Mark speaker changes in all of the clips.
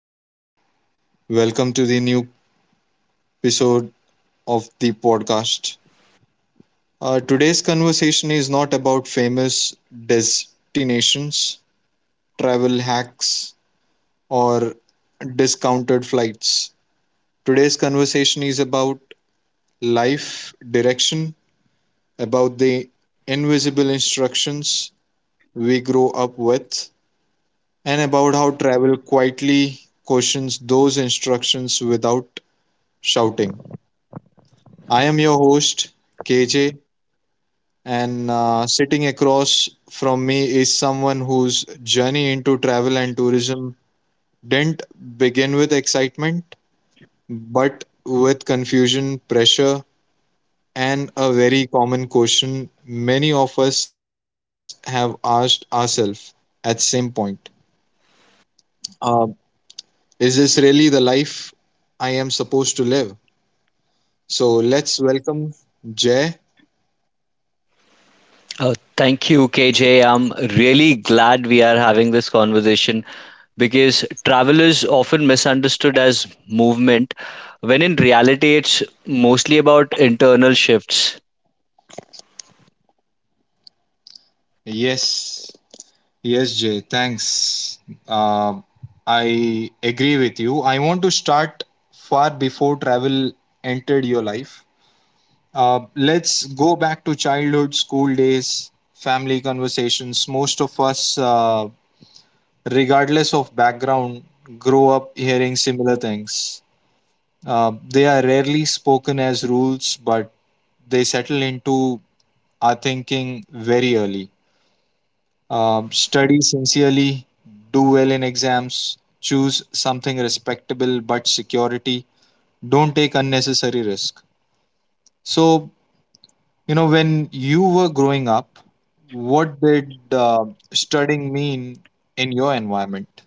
Speaker 1: and welcome to the new episode of the podcast. Today's conversation is not about famous destinations, travel hacks, or discounted flights. Today's conversation is about life direction, about the invisible instructions we grow up with, and about how travel quietly questions those instructions without shouting. I am your host, KJ, and sitting across from me is someone whose journey into travel and tourism didn't begin with excitement, but with confusion, pressure, and a very common question many of us have asked ourselves at same point. Uh, is this really the life I am supposed to live? So let's welcome Jay.
Speaker 2: Thank you, KJ. I'm really glad we are having this conversation because travel is often misunderstood as movement, when in reality, it's mostly about internal shifts.
Speaker 1: Yes. Yes, Jay, thanks. Uh, I agree with you. I want to start far before travel entered your life. Let's go back to childhood, school days, family conversations. Most of us, regardless of background, grow up hearing similar things. They are rarely spoken as rules, but they settle into our thinking very early. Study sincerely, do well in exams, choose something respectable but security, don't take unnecessary risk. So, you know, when you were growing up, what did studying mean in your environment?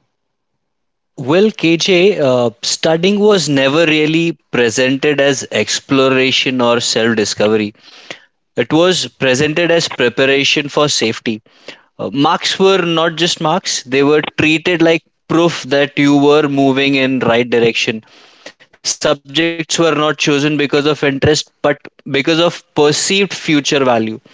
Speaker 2: Well, KJ, studying was never really presented as exploration or self discovery. It was presented as preparation for safety. Marks were not just marks, they were treated like proof that you were moving in right direction. Subjects were not chosen because of interest, but because of perceived future value.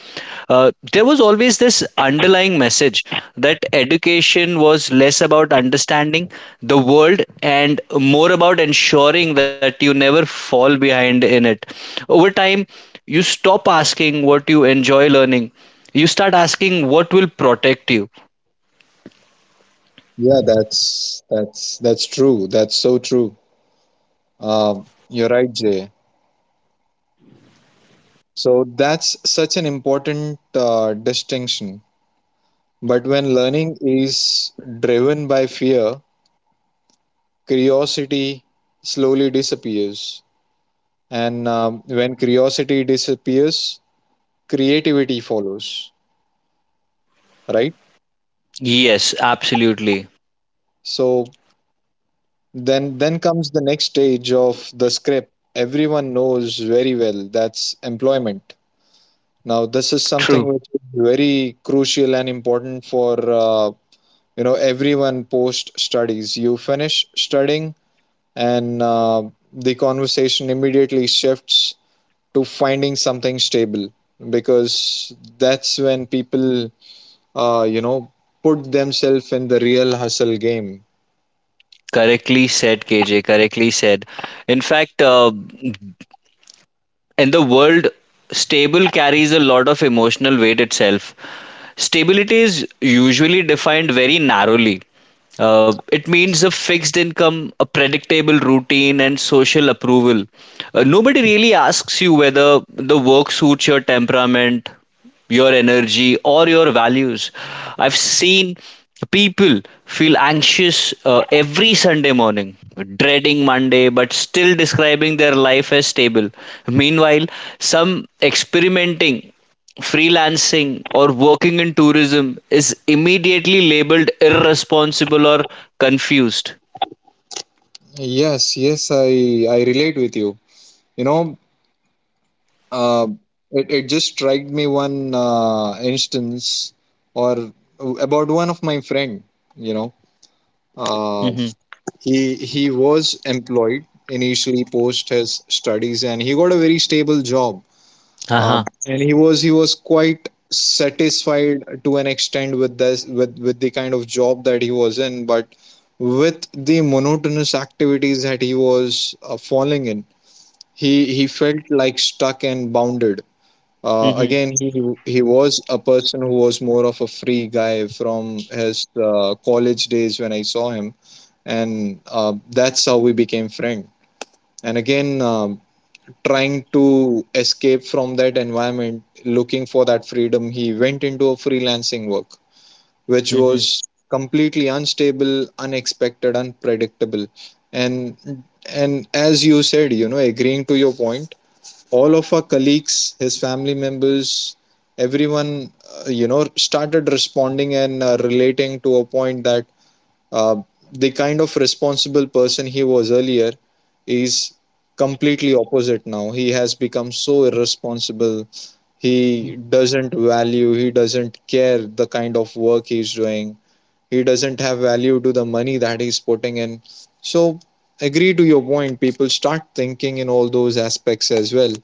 Speaker 2: There was always this underlying message that education was less about understanding the world and more about ensuring that you never fall behind in it. Over time, you stop asking what you enjoy learning, you start asking what will protect you.
Speaker 1: Yeah, that's true. That's so true. You're right, Jay. So that's such an important distinction. But when learning is driven by fear, curiosity slowly disappears. And when curiosity disappears, creativity follows, right?
Speaker 2: Yes, absolutely.
Speaker 1: So then comes the next stage of the script. Everyone knows very well that's employment. Now, this is something
Speaker 2: True.
Speaker 1: which is very crucial and important for you know everyone post studies. You finish studying, and the conversation immediately shifts to finding something stable because that's when people you know put themselves in the real hustle game.
Speaker 2: Correctly said, KJ. Correctly said. In fact, in the world, stable carries a lot of emotional weight itself. Stability is usually defined very narrowly. It means a fixed income, a predictable routine, and social approval. Nobody really asks you whether the work suits your temperament, your energy or your values. I've seen people feel anxious every Sunday morning, dreading Monday, but still describing their life as stable. Meanwhile, some experimenting, freelancing, or working in tourism is immediately labeled irresponsible or confused.
Speaker 1: Yes, yes, I relate with you, you know. Uh, it, it just struck me one instance or about one of my friend, you know.
Speaker 2: Hmm.
Speaker 1: Uh, he he was employed initially post his studies and he got a very stable job, uh,
Speaker 2: Uh-huh.
Speaker 1: and he was quite satisfied to an extent with this with the kind of job that he was in, but with the monotonous activities that he was falling in, he felt like stuck and bounded. uh,
Speaker 2: Hmm.
Speaker 1: again he he was a person who was more of a free guy from his college days when I saw him, and that's how we became friends. And again, trying to escape from that environment, looking for that freedom, he went into a freelancing work, which
Speaker 2: Hmm.
Speaker 1: was completely unstable, unexpected, unpredictable. And as you said, you know, agreeing to your point, all of our colleagues, his family members, everyone, you know, started responding and relating to a point that uh, the kind of responsible person he was earlier is completely opposite now. He has become so irresponsible. He doesn't value, he doesn't care the kind of work he's doing. He doesn't have value to the money that he's putting in. So, agree to your point. People start thinking in all those aspects as well.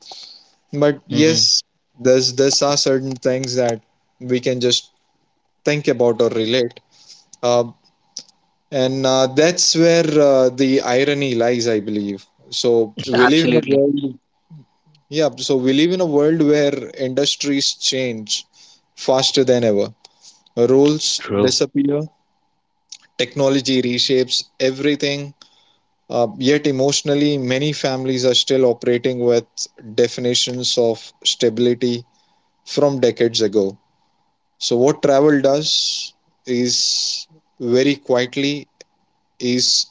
Speaker 1: But
Speaker 2: Hmm.
Speaker 1: yes, there's are certain things that we can just think about or relate. Uh, and that's where the irony lies, I believe. So we live in a
Speaker 2: Absolutely.
Speaker 1: world, yeah, so we live in a world where industries change faster than ever. Roles
Speaker 2: True.
Speaker 1: disappear, technology reshapes everything. Yet emotionally, many families are still operating with definitions of stability from decades ago. So what travel does is very quietly is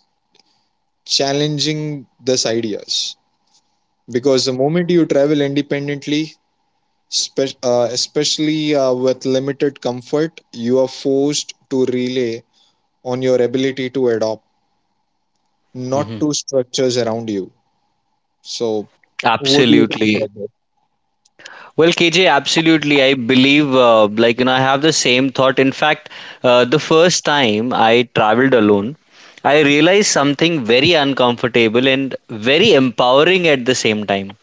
Speaker 1: challenging these ideas, because the moment you travel independently, especially with limited comfort, you are forced to rely on your ability to adopt, not
Speaker 2: Hmm.
Speaker 1: to structures around you. So what do you think
Speaker 2: Absolutely.
Speaker 1: about that?
Speaker 2: Well, KJ, absolutely. I believe, I have the same thought. In fact, the first time I traveled alone, I realized something very uncomfortable and very empowering at the same time.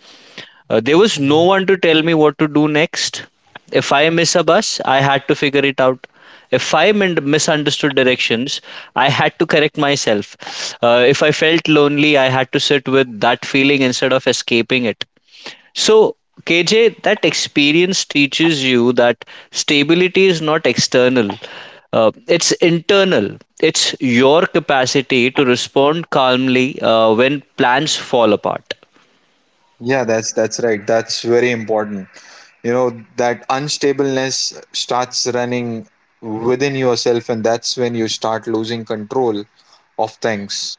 Speaker 2: There was no one to tell me what to do next. If I miss a bus, I had to figure it out. If I misunderstood directions, I had to correct myself. If I felt lonely, I had to sit with that feeling instead of escaping it. So, KJ, that experience teaches you that stability is not external, it's internal. It's your capacity to respond calmly when plans fall apart.
Speaker 1: Yeah, that's right, that's very important. You know, that unstableness starts running within yourself, and that's when you start losing control of things.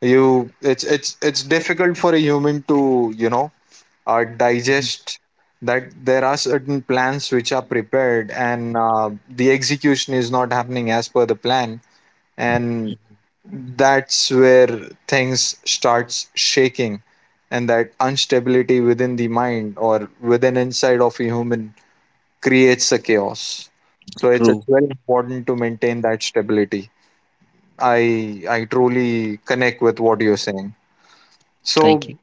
Speaker 1: You, it's difficult for a human to, you know,
Speaker 2: Mhm.
Speaker 1: digest that there are certain plans which are prepared and the execution is not happening as per the plan, and that's where things starts shaking, and that instability within the mind or within inside of a human creates a chaos. So it's
Speaker 2: True.
Speaker 1: very important to maintain that stability. I truly connect with what you're saying.
Speaker 2: Thank
Speaker 1: So
Speaker 2: you.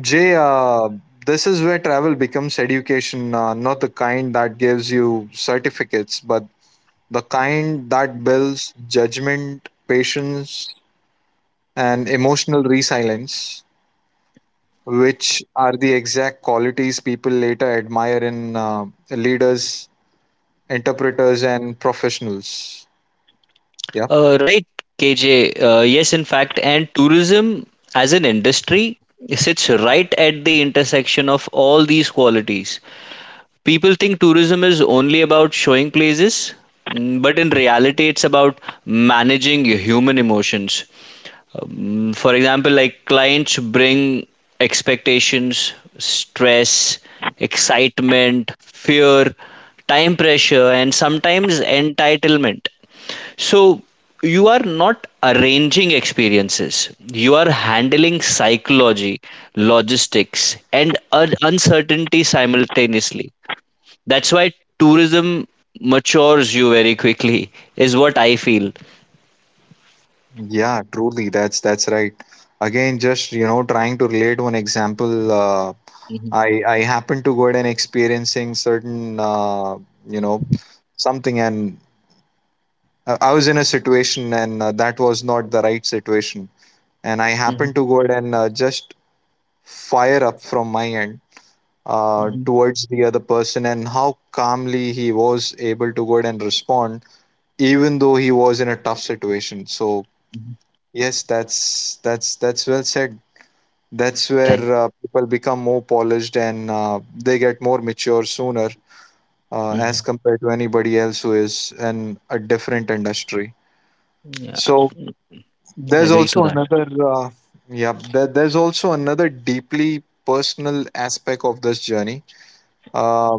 Speaker 1: Jay, this is where travel becomes education, not the kind that gives you certificates, but the kind that builds judgment, patience, and emotional resilience, which are the exact qualities people later admire in leaders, interpreters, and professionals. Yeah.
Speaker 2: Right, KJ. Yes, in fact, and tourism as an industry sits right at the intersection of all these qualities. People think tourism is only about showing places, but in reality, it's about managing your human emotions. For example, like clients bring expectations, stress, excitement, fear, time pressure, and sometimes entitlement. So, you are not arranging experiences, you are handling psychology, logistics, and uncertainty simultaneously. That's why tourism matures you very quickly, is what I feel.
Speaker 1: Yeah, truly, that's right. Again, just you know, trying to relate one example. Uh,
Speaker 2: Hmm.
Speaker 1: I I happened to go and experiencing certain you know something, and I was in a situation, and that was not the right situation, and I happened
Speaker 2: Hmm.
Speaker 1: to go and just fire up from my end
Speaker 2: Hmm.
Speaker 1: towards the other person, and how calmly he was able to go and respond, even though he was in a tough situation. So.
Speaker 2: Hmm.
Speaker 1: Yes, that's well said. That's where
Speaker 2: Thank.
Speaker 1: people become more polished and they get more mature sooner as
Speaker 2: Hmm.
Speaker 1: compared to anybody else who is in a different industry.
Speaker 2: Yeah,
Speaker 1: So
Speaker 2: can
Speaker 1: there's
Speaker 2: agree to
Speaker 1: also
Speaker 2: that.
Speaker 1: another yeah there, there's also another deeply personal aspect of this journey uh,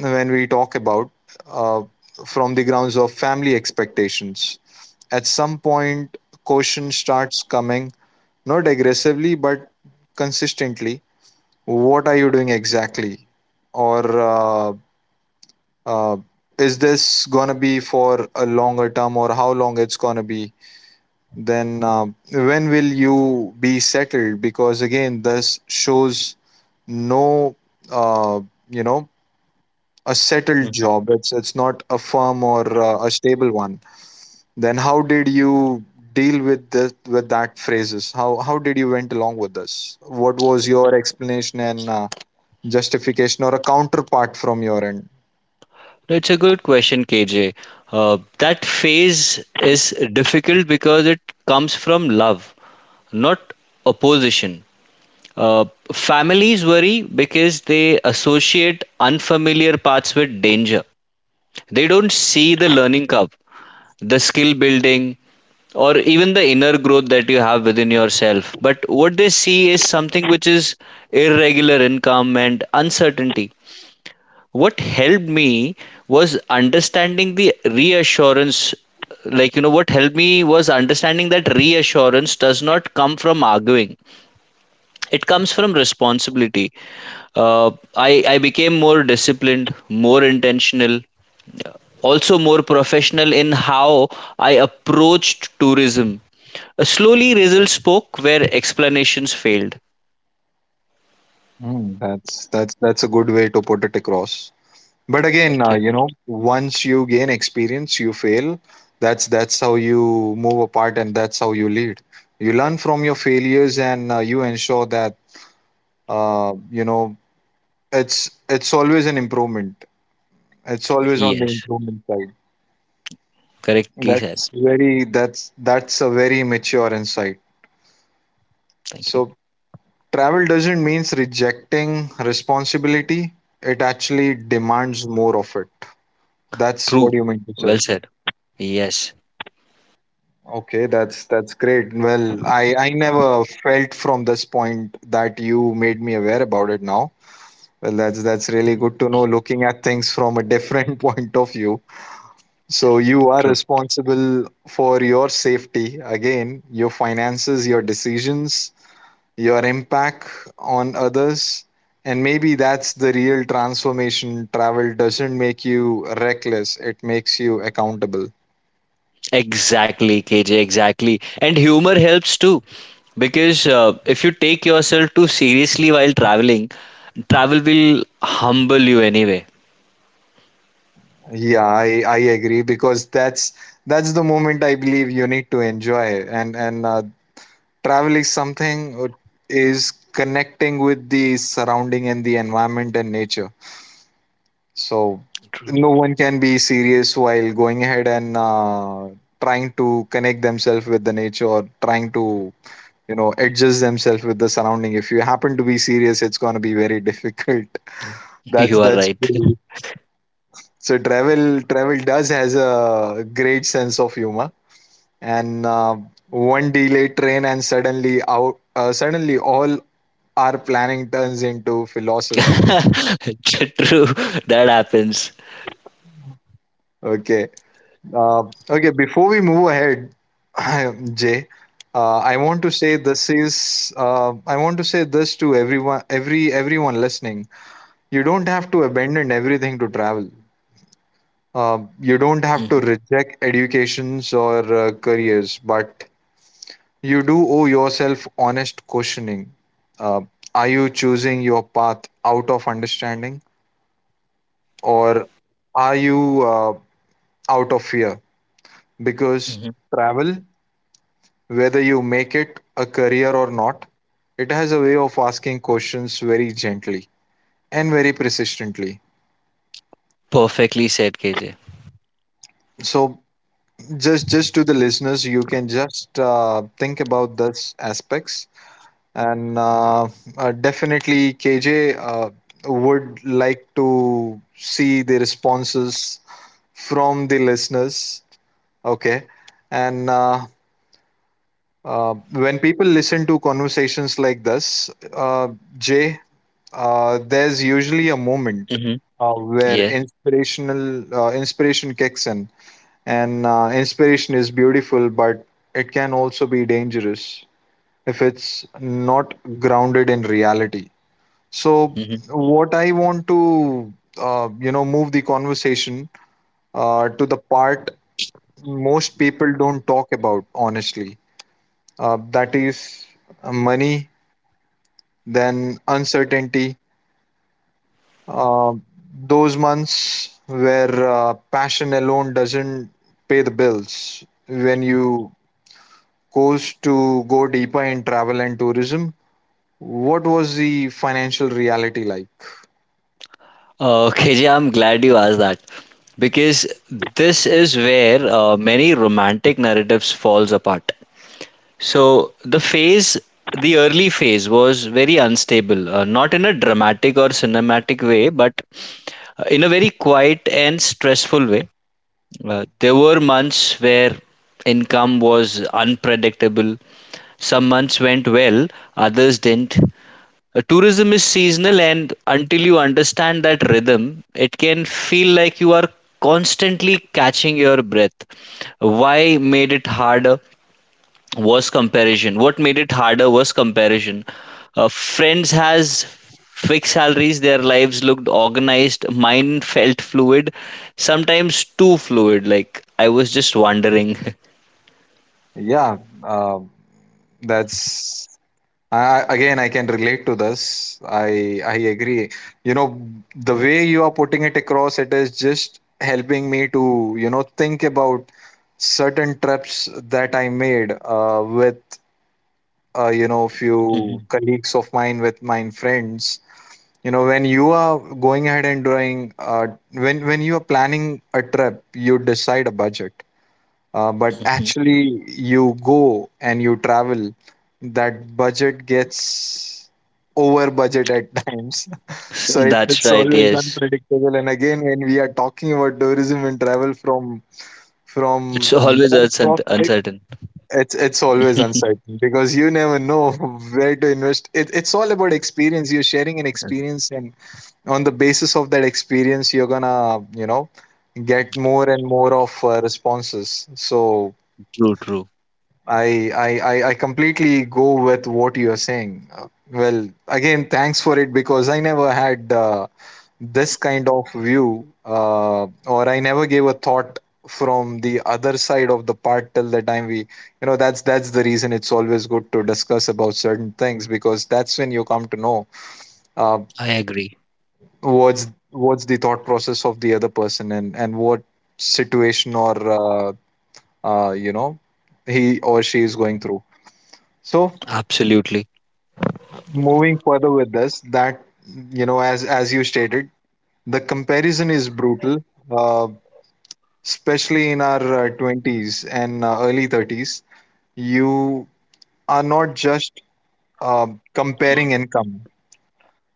Speaker 1: when we talk about uh, from the grounds of family expectations. At some point, caution starts coming, not aggressively but consistently. What are you doing exactly, or uh, is this gonna be for a longer term, or how long it's gonna be? Then when will you be settled? Because again this shows no, uh, you know, a settled
Speaker 2: Hmm.
Speaker 1: job, it's not a firm or a stable one. Then how did you deal with this, with that phrases? How did you went along with this? What was your explanation and justification or a counterpart from your end?
Speaker 2: It's a good question, KJ. That phase is difficult because it comes from love, not opposition. Uh, Families worry because they associate unfamiliar paths with danger. They don't see the learning curve, the skill building, or even the inner growth that you have within yourself. But what they see is something which is irregular income and uncertainty. What helped me was understanding the reassurance. What helped me was understanding that reassurance does not come from arguing, it comes from responsibility. I became more disciplined, more intentional, also more professional in how I approached tourism. Slowly, results spoke where explanations failed.
Speaker 1: Mm, that's a good way to put it across. But again,
Speaker 2: Thank you.
Speaker 1: you know, once you gain experience, you fail. That's how you move apart, and that's how you lead. You learn from your failures, and you ensure that you know, it's always an improvement. It's always on the
Speaker 2: Yes,
Speaker 1: improvement side.
Speaker 2: correctly said.
Speaker 1: That's very, that's a very mature insight.
Speaker 2: Thank you.
Speaker 1: So travel doesn't mean rejecting responsibility, it actually demands more of it. That's what
Speaker 2: True.
Speaker 1: you mean to
Speaker 2: Well
Speaker 1: say.
Speaker 2: said. Yes,
Speaker 1: Okay, that's great. Well, I never felt from this point that you made me aware about it now. Well, that's really good to know, looking at things from a different point of view. So you are
Speaker 2: true.
Speaker 1: responsible for your safety, again, your finances, your decisions, your impact on others, and maybe that's the real transformation. Travel doesn't make you reckless, it makes you accountable.
Speaker 2: Exactly, KJ, exactly. And humor helps too, because if you take yourself too seriously while traveling, travel will humble you anyway.
Speaker 1: Yeah, I agree, because that's the moment I believe you need to enjoy. And travel is something, is connecting with the surrounding and the environment and nature. So no one can be serious while going ahead and trying to connect themselves with the nature, or trying to, you know, adjust themselves with the surrounding. If you happen to be serious, it's going to be very difficult. that's
Speaker 2: You are
Speaker 1: that's
Speaker 2: right.
Speaker 1: true. So travel does has a great sense of humor, and one delayed train and suddenly out suddenly all our planning turns into philosophy.
Speaker 2: True, that happens.
Speaker 1: Okay. Uh, okay before we move ahead, Jay, uh, i want to say this is I want to say this to everyone, everyone listening. You don't have to abandon everything to travel. You don't have to
Speaker 2: Hmm.
Speaker 1: reject educations or careers, but you do owe yourself honest questioning. Uh, are you choosing your path out of understanding, or are you out of fear? Because
Speaker 2: Hmm.
Speaker 1: travel, whether you make it a career or not, it has a way of asking questions very gently and very persistently.
Speaker 2: Perfectly said, KJ.
Speaker 1: So just to the listeners, you can just think about this aspects. And Definitely KJ would like to see the responses from the listeners. Okay. And when people listen to conversations like this, Jay, there's usually a moment
Speaker 2: Hmm.
Speaker 1: uh, where
Speaker 2: Yeah.
Speaker 1: inspirational uh, inspiration kicks in. And inspiration is beautiful, but it can also be dangerous if it's not grounded in reality. So,
Speaker 2: Mhm.
Speaker 1: what I want to, you know, move the conversation to the part most people don't talk about, honestly. That is money, then uncertainty. Uh, those months where passion alone doesn't pay the bills. When you goes to go deeper in travel and tourism, what was the financial reality like?
Speaker 2: KJ, I'm glad you asked that because this is where many romantic narratives falls apart. So the early phase was very unstable, not in a dramatic or cinematic way, but in a very quiet and stressful way. There were months where income was unpredictable. Some months went well, others didn't. Tourism is seasonal and until you understand that rhythm it can feel like you are constantly catching your breath. Why made it harder was comparison What made it harder was comparison. Friends has fixed salaries, their lives looked organized, mine felt fluid, sometimes too fluid, like I was just wondering.
Speaker 1: Yeah, uh, that's again, I can relate to this. I agree. You know, the way you are putting it across, it is just helping me to think about certain trips that I made with few
Speaker 2: Mhm.
Speaker 1: colleagues of mine with my friends. You know, when you are going ahead and doing when you are planning a trip, you decide a budget, but
Speaker 2: Mhm.
Speaker 1: actually you go and you travel, that budget gets over budget at times.
Speaker 2: S-
Speaker 1: So it,
Speaker 2: that's
Speaker 1: it's
Speaker 2: right,
Speaker 1: always
Speaker 2: yes.
Speaker 1: unpredictable, and again, when we are talking about tourism and travel from
Speaker 2: It's always
Speaker 1: your
Speaker 2: uncertain.
Speaker 1: prospect, it's always uncertain because you never know where to invest it's all about experience, you're sharing an experience, and on the basis of that experience, you're gonna get more and more of responses. So
Speaker 2: True, true.
Speaker 1: I completely go with what you're saying. Well, again, thanks for it, because I never had this kind of view, or I never gave a thought from the other side of the part till the time we that's the reason it's always good to discuss about certain things, because that's when you come to know uh,
Speaker 2: I agree.
Speaker 1: what's the thought process of the other person, and what situation or uh, you know he or she is going through. So
Speaker 2: Absolutely.
Speaker 1: moving further with this, that you know as you stated, the comparison is brutal, uh, especially in our 20s and early 30s. You are not just uh, comparing income,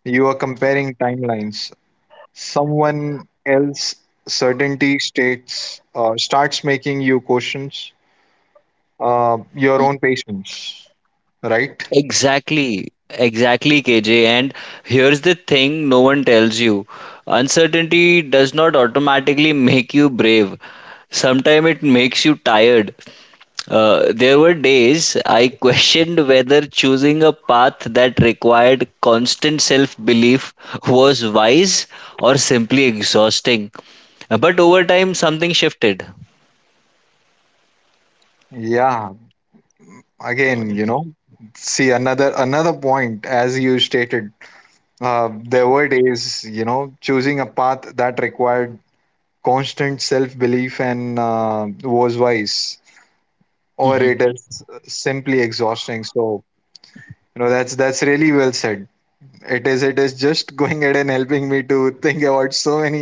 Speaker 1: you are comparing timelines. Someone else certainty states starts making you questions your
Speaker 2: Mm.
Speaker 1: own patience, right?
Speaker 2: Exactly. Exactly, KJ. And here's the thing no one tells you, uncertainty does not automatically make you brave. Sometimes it makes you tired. There were days I questioned whether choosing a path that required constant self belief was wise or simply exhausting. But over time, something shifted.
Speaker 1: Yeah, again, see another point, as you stated, there were days, you know, choosing a path that required constant self belief and was wise or
Speaker 2: Mhm.
Speaker 1: it is simply exhausting. So, you know, that's really well said. It is, it is just going ahead and helping me to think about so many,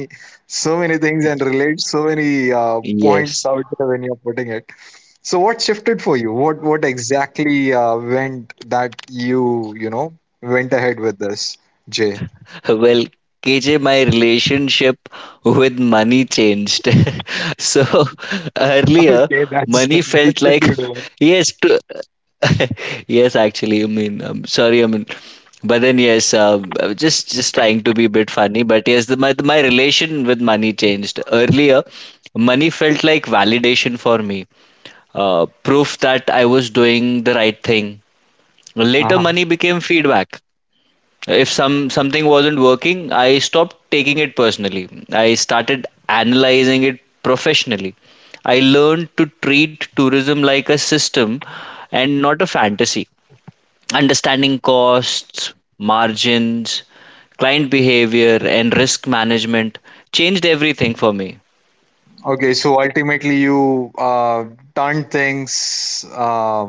Speaker 1: so many things and relate so many points
Speaker 2: Yes.
Speaker 1: out there when you're putting it. So what shifted for you? What exactly went that you know went ahead with this, Jay?
Speaker 2: Well, KJ, my relationship with money changed. So earlier,
Speaker 1: Okay, that's
Speaker 2: money
Speaker 1: that's
Speaker 2: felt
Speaker 1: a
Speaker 2: like
Speaker 1: good one.
Speaker 2: yes, to, yes. Actually, I mean, sorry, I mean, but then Yes, I was just trying to be a bit funny. But yes, my relation with money changed. Earlier, money felt like validation for me, proof that I was doing the right thing. Later,
Speaker 1: Uh-huh.
Speaker 2: money became feedback. If something wasn't working, I stopped taking it personally, I started analyzing it professionally. I learned to treat tourism like a system and not a fantasy. Understanding costs, margins, client behavior and risk management changed everything for me.
Speaker 1: Okay, so ultimately you turned things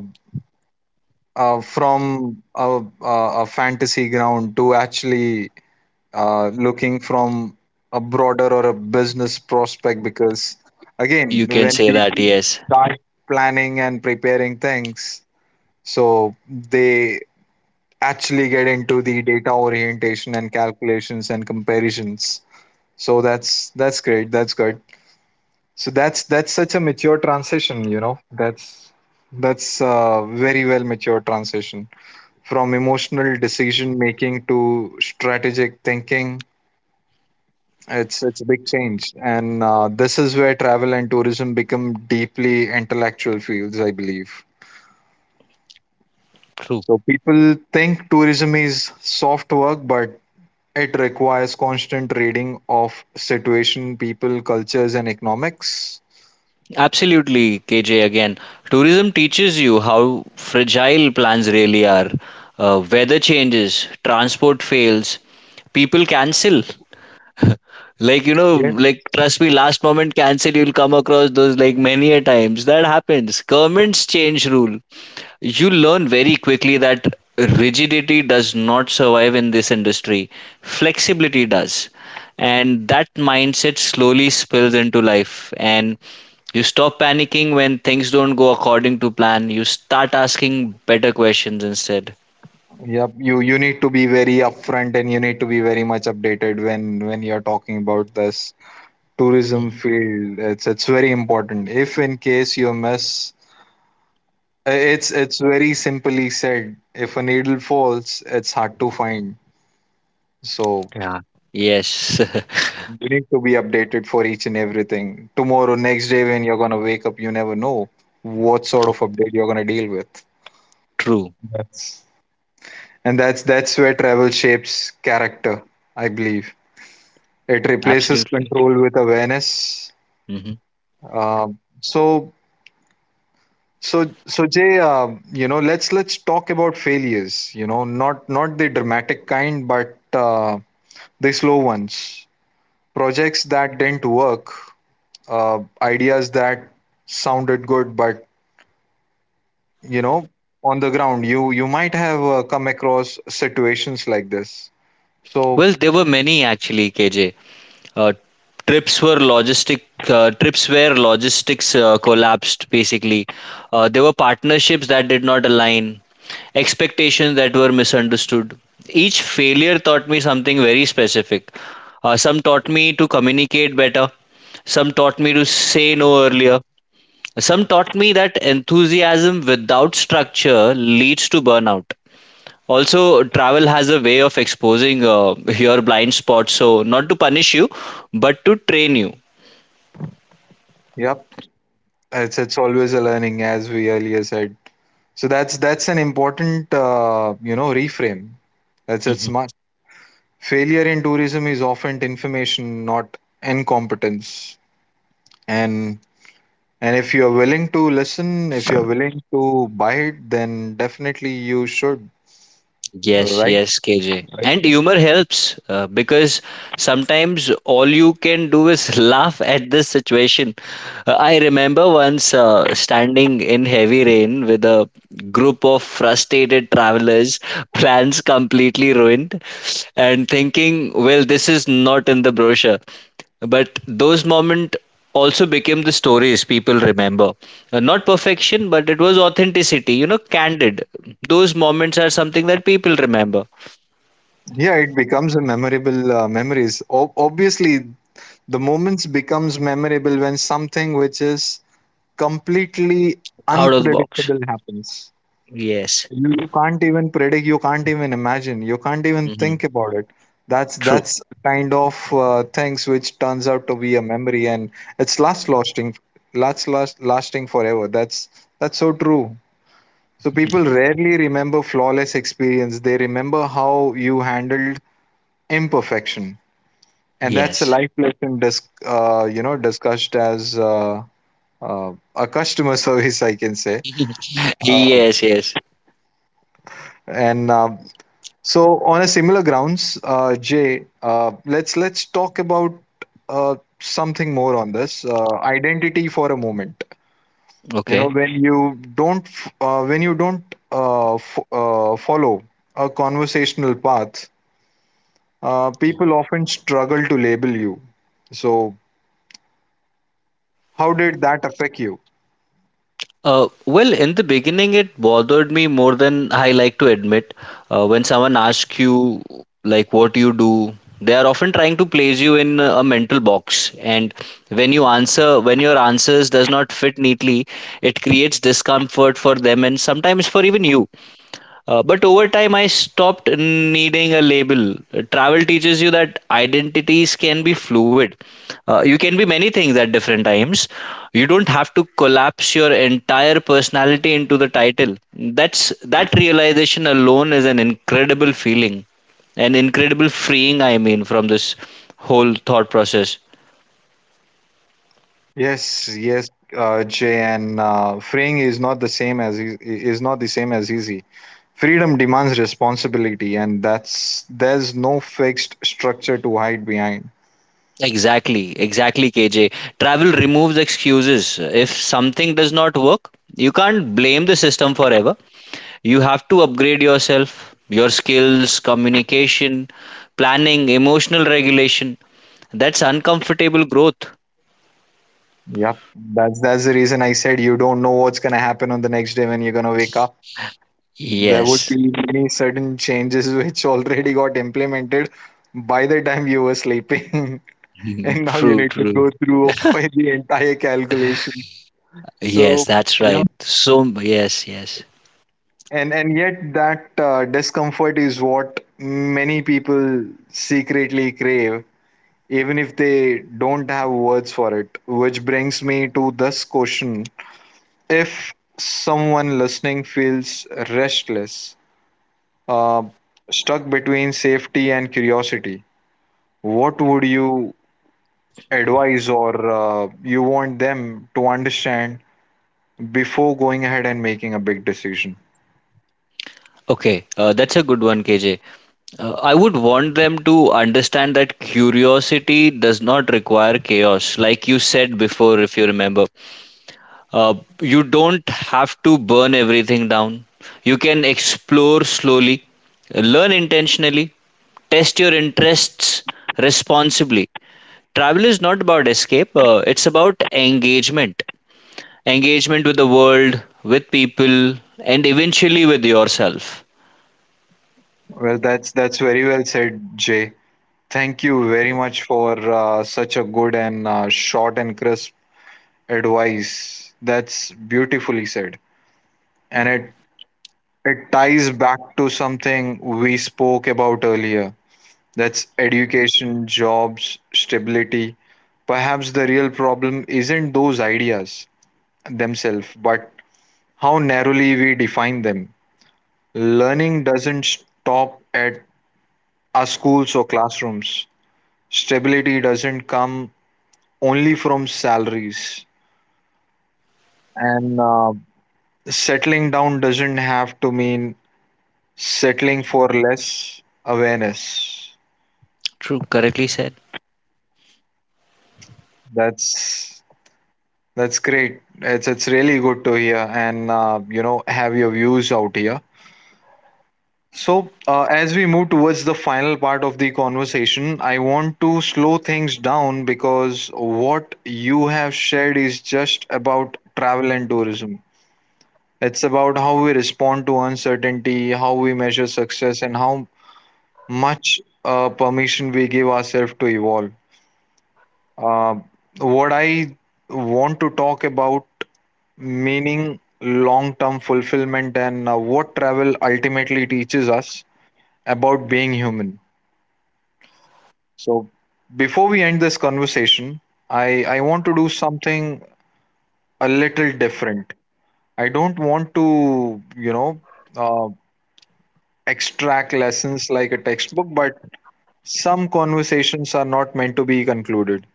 Speaker 1: uh, from a, a, a fantasy ground to actually looking from a broader or a business prospect. Because again,
Speaker 2: You can
Speaker 1: when
Speaker 2: say that,
Speaker 1: people
Speaker 2: yes.
Speaker 1: start planning and preparing things, so they actually get into the data orientation and calculations and comparisons. So that's great, that's good. So that's such a mature transition, you know, that's a very well mature transition from emotional decision making to strategic thinking. It's a big change, and this is where travel and tourism become deeply intellectual fields, I believe.
Speaker 2: True.
Speaker 1: So people think tourism is soft work, but it requires constant reading of situation, people, cultures, and economics.
Speaker 2: Absolutely, KJ. Again, tourism teaches you how fragile plans really are. Weather changes, transport fails, people cancel.
Speaker 1: Yeah.
Speaker 2: Trust me, last moment cancel, you'll come across those like many a times. That happens. Governments change rule. You learn very quickly that rigidity does not survive in this industry, flexibility does. And that mindset slowly spills into life. And you stop panicking when things don't go according to plan. You start asking better questions instead.
Speaker 1: Yep. You need to be very upfront, and you need to be very much updated when you're talking about this tourism
Speaker 2: Mhm.
Speaker 1: field. It's very important. If in case you miss it's very simply said. If a needle falls, it's hard to find. So
Speaker 2: Yeah. Yes,
Speaker 1: you need to be updated for each and everything. Tomorrow, next day, when you're gonna wake up, you never know what sort of update you're gonna deal with.
Speaker 2: true.
Speaker 1: That's, and that's where travel shapes character, I believe. It replaces
Speaker 2: Absolutely.
Speaker 1: control with awareness.
Speaker 2: Hmm.
Speaker 1: Um so So, so Jay, let's talk about failures. You know, not, not the dramatic kind, but the slow ones. Projects that didn't work, ideas that sounded good, but you know, on the ground, you might have come across situations like this. So,
Speaker 2: Well, there were many actually, KJ. uh, trips were logistic uh, trips where logistics collapsed basically. There were partnerships that did not align, expectations that were misunderstood. Each failure taught me something very specific. Some taught me to communicate better, some taught me to say no earlier, some taught me that enthusiasm without structure leads to burnout. Also travel has a way of exposing your blind spots, so not to punish you but to train
Speaker 1: yep, it's always a learning, as we earlier said. So that's an important reframe. That's it's
Speaker 2: you.
Speaker 1: smart. Failure in tourism is often information, not incompetence. And if you're willing to listen, if you're willing to buy it, then definitely you should.
Speaker 2: Yes,
Speaker 1: Right?
Speaker 2: yes, KJ. And humor helps because sometimes all you can do is laugh at this situation. I remember once standing in heavy rain with a group of frustrated travelers, plans completely ruined, and thinking, well, this is not in the brochure. But those moments also became the stories people remember. Not perfection, but it was authenticity, you know, candid. Those moments are something that people remember.
Speaker 1: Yeah, it becomes a memorable memories. O- obviously, the moments becomes memorable when something which is completely
Speaker 2: Out of the box.
Speaker 1: unpredictable happens.
Speaker 2: Yes.
Speaker 1: You can't even predict, you can't even imagine, you can't even
Speaker 2: Hmm.
Speaker 1: think about it. that's
Speaker 2: True.
Speaker 1: that's kind of things which turns out to be a memory, and it's last lasting, last lasting forever. That's so true. So people rarely remember flawless experience, they remember how you handled imperfection. And that's a
Speaker 2: Yes.
Speaker 1: life lesson discussed as a customer service, I can say. Uh,
Speaker 2: Yes, yes.
Speaker 1: and So on a similar grounds, Jay, let's talk about something more on this identity for a moment. You
Speaker 2: Okay.
Speaker 1: know, when you don't when you don't follow a conversational path, people often struggle to label you. So how did that affect you?
Speaker 2: Well, in the beginning, it bothered me more than I like to admit. When someone asks you, like, what you do, they are often trying to place you in a mental box. And when you answer, when your answers does not fit neatly, it creates discomfort for them and sometimes for even you. But over time, I stopped needing a label. Travel teaches you that identities can be fluid. You can be many things at different times. You don't have to collapse your entire personality into the title. That's that realization alone is an incredible feeling, an incredible freeing. I mean, from this whole thought process.
Speaker 1: Yes, yes, Jay, and freeing is not the same as is not the same as easy. Freedom demands responsibility, and that's there's no fixed structure to hide behind.
Speaker 2: Exactly, exactly, KJ. Travel removes excuses. If something does not work, you can't blame the system forever. You have to upgrade yourself, your skills, communication, planning, emotional regulation. That's uncomfortable growth.
Speaker 1: Yep, that's the reason I said you don't know what's gonna happen on the next day when you're gonna wake up. There would
Speaker 2: Yes.
Speaker 1: be many certain changes which already got implemented by the time you were sleeping, and now you
Speaker 2: True,
Speaker 1: need to
Speaker 2: true.
Speaker 1: go through the entire calculation.
Speaker 2: Yes,
Speaker 1: So.
Speaker 2: that's
Speaker 1: Yeah,
Speaker 2: right. So, yes, yes.
Speaker 1: and yet that discomfort is what many people secretly crave, even if they don't have words for it, which brings me to this question. If someone listening feels restless, uh, stuck between safety and curiosity, what would you advise, or you want them to understand before going ahead and making a big decision?
Speaker 2: Okay, that's a good one, KJ. I would want them to understand that curiosity does not require chaos, like you said before, if you remember. Uh, you don't have to burn everything down. You can explore slowly, learn intentionally, test your interests responsibly. Travel is not about escape, it's about engagement. Engagement with the world, with people, and eventually with yourself.
Speaker 1: Well, that's very well said, Jay. Thank you very much for such a good and short and crisp advice. That's beautifully said. And it ties back to something we spoke about earlier. That's education, jobs, stability. Perhaps the real problem isn't those ideas themselves, but how narrowly we define them. Learning doesn't stop at our schools or classrooms. Stability doesn't come only from salaries, and settling down doesn't have to mean settling for less awareness.
Speaker 2: True, correctly said.
Speaker 1: That's that's great, it's really good to hear and have your views out here. So as we move towards the final part of the conversation, I want to slow things down, because what you have shared is just about travel and tourism. It's about how we respond to uncertainty, how we measure success, and how much permission we give ourselves to evolve. Uh, what I want to talk about meaning, long term fulfillment, and what travel ultimately teaches us about being human. So, before we end this conversation, I want to do something a little different. I don't want to, uh, extract lessons like a textbook, but some conversations are not meant to be concluded.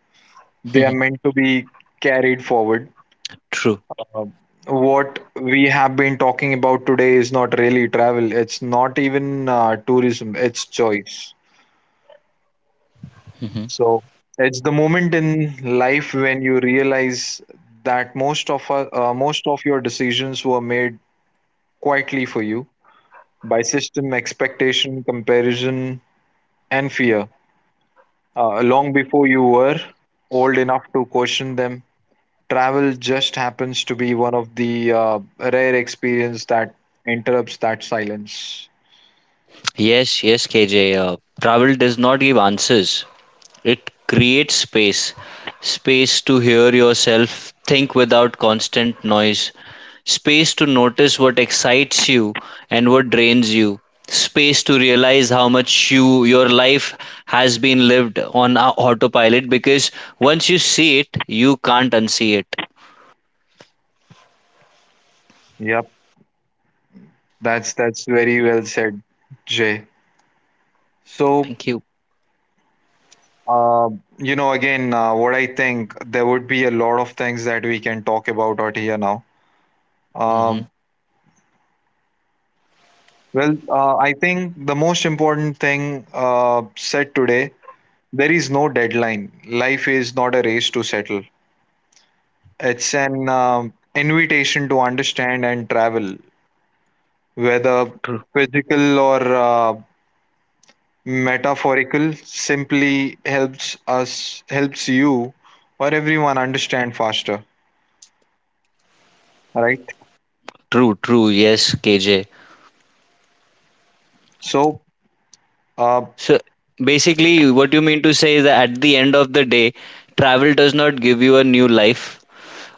Speaker 1: They are meant to be carried forward.
Speaker 2: True.
Speaker 1: Uh, what we have been talking about today is not really travel, it's not even tourism, it's choice.
Speaker 2: Hmm.
Speaker 1: So, it's the moment in life when you realize that most of your decisions were made quietly for you by system expectation comparison and fear. Long before you were old enough to question them, travel just happens to be one of the rare experience that interrupts that silence.
Speaker 2: Yes, yes, KJ. Travel does not give answers, it creates space, space to hear yourself, think without constant noise, space to notice what excites you and what drains you, space to realize how much your life has been lived on autopilot, because once you see it, you can't unsee it.
Speaker 1: Yep, that's very well said, Jay. So,
Speaker 2: Thank you.
Speaker 1: uh, what I think, there would be a lot of things that we can talk about out here now.
Speaker 2: Hmm.
Speaker 1: Um well, I think the most important thing said today, there is no deadline. Life is not a race to settle. It's an invitation to understand, and travel, whether
Speaker 2: True,
Speaker 1: physical or metaphorical, simply helps us, helps you or everyone understand faster, right?
Speaker 2: true, true. Yes, KJ.
Speaker 1: So, uh,
Speaker 2: So basically, what you mean to say is that at the end of the day, travel does not give you a new life.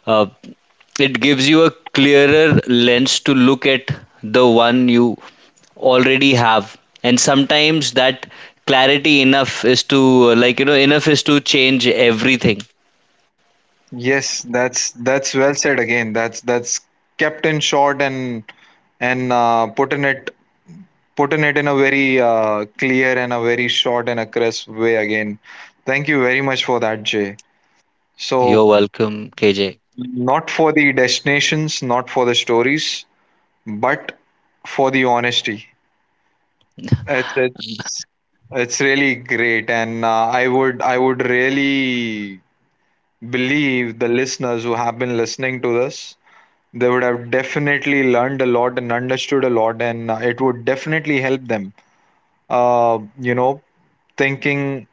Speaker 2: Uh, It gives you a clearer lens to look at the one you already have. And sometimes that clarity enough is to, enough is to change everything.
Speaker 1: yes, that's well said again. That's kept in short and put in it, in a very clear and a very short and a crisp way again. Thank you very much for that, Jay. So,
Speaker 2: You're welcome, KJ.
Speaker 1: not for the destinations, not for the stories, but for the honesty. It's it's, it's really great, and I would, I would really believe the listeners who have been listening to this, they would have definitely learned a lot and understood a lot, and it would definitely help them. Uh, you know, thinking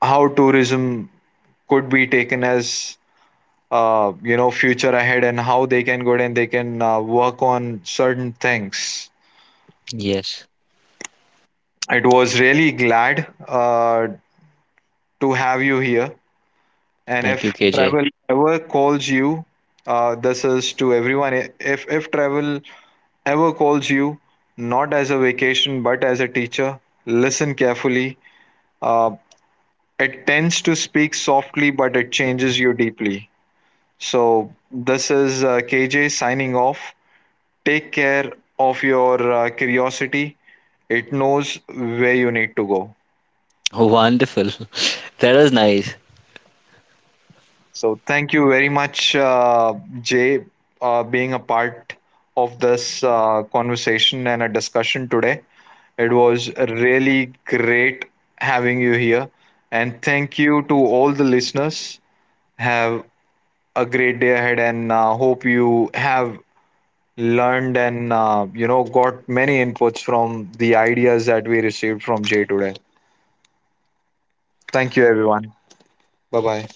Speaker 1: how tourism could be taken as future ahead and how they can go and they can work on certain things.
Speaker 2: Yes.
Speaker 1: It was really glad to have you here. And if
Speaker 2: Thank you, KJ.
Speaker 1: travel ever calls you, this is to everyone, if travel ever calls you, not as a vacation but as a teacher, listen carefully. uh, it tends to speak softly, but it changes you deeply. So, this is KJ signing off. Take care of your curiosity. It knows where you need to go.
Speaker 2: Wonderful. That was nice.
Speaker 1: So thank you very much, Jay, being a part of this conversation and a discussion today. It was really great having you here. And thank you to all the listeners. Have a great day ahead, and hope you have learned and got many inputs from the ideas that we received from Jay today. Thank you, everyone. Bye bye.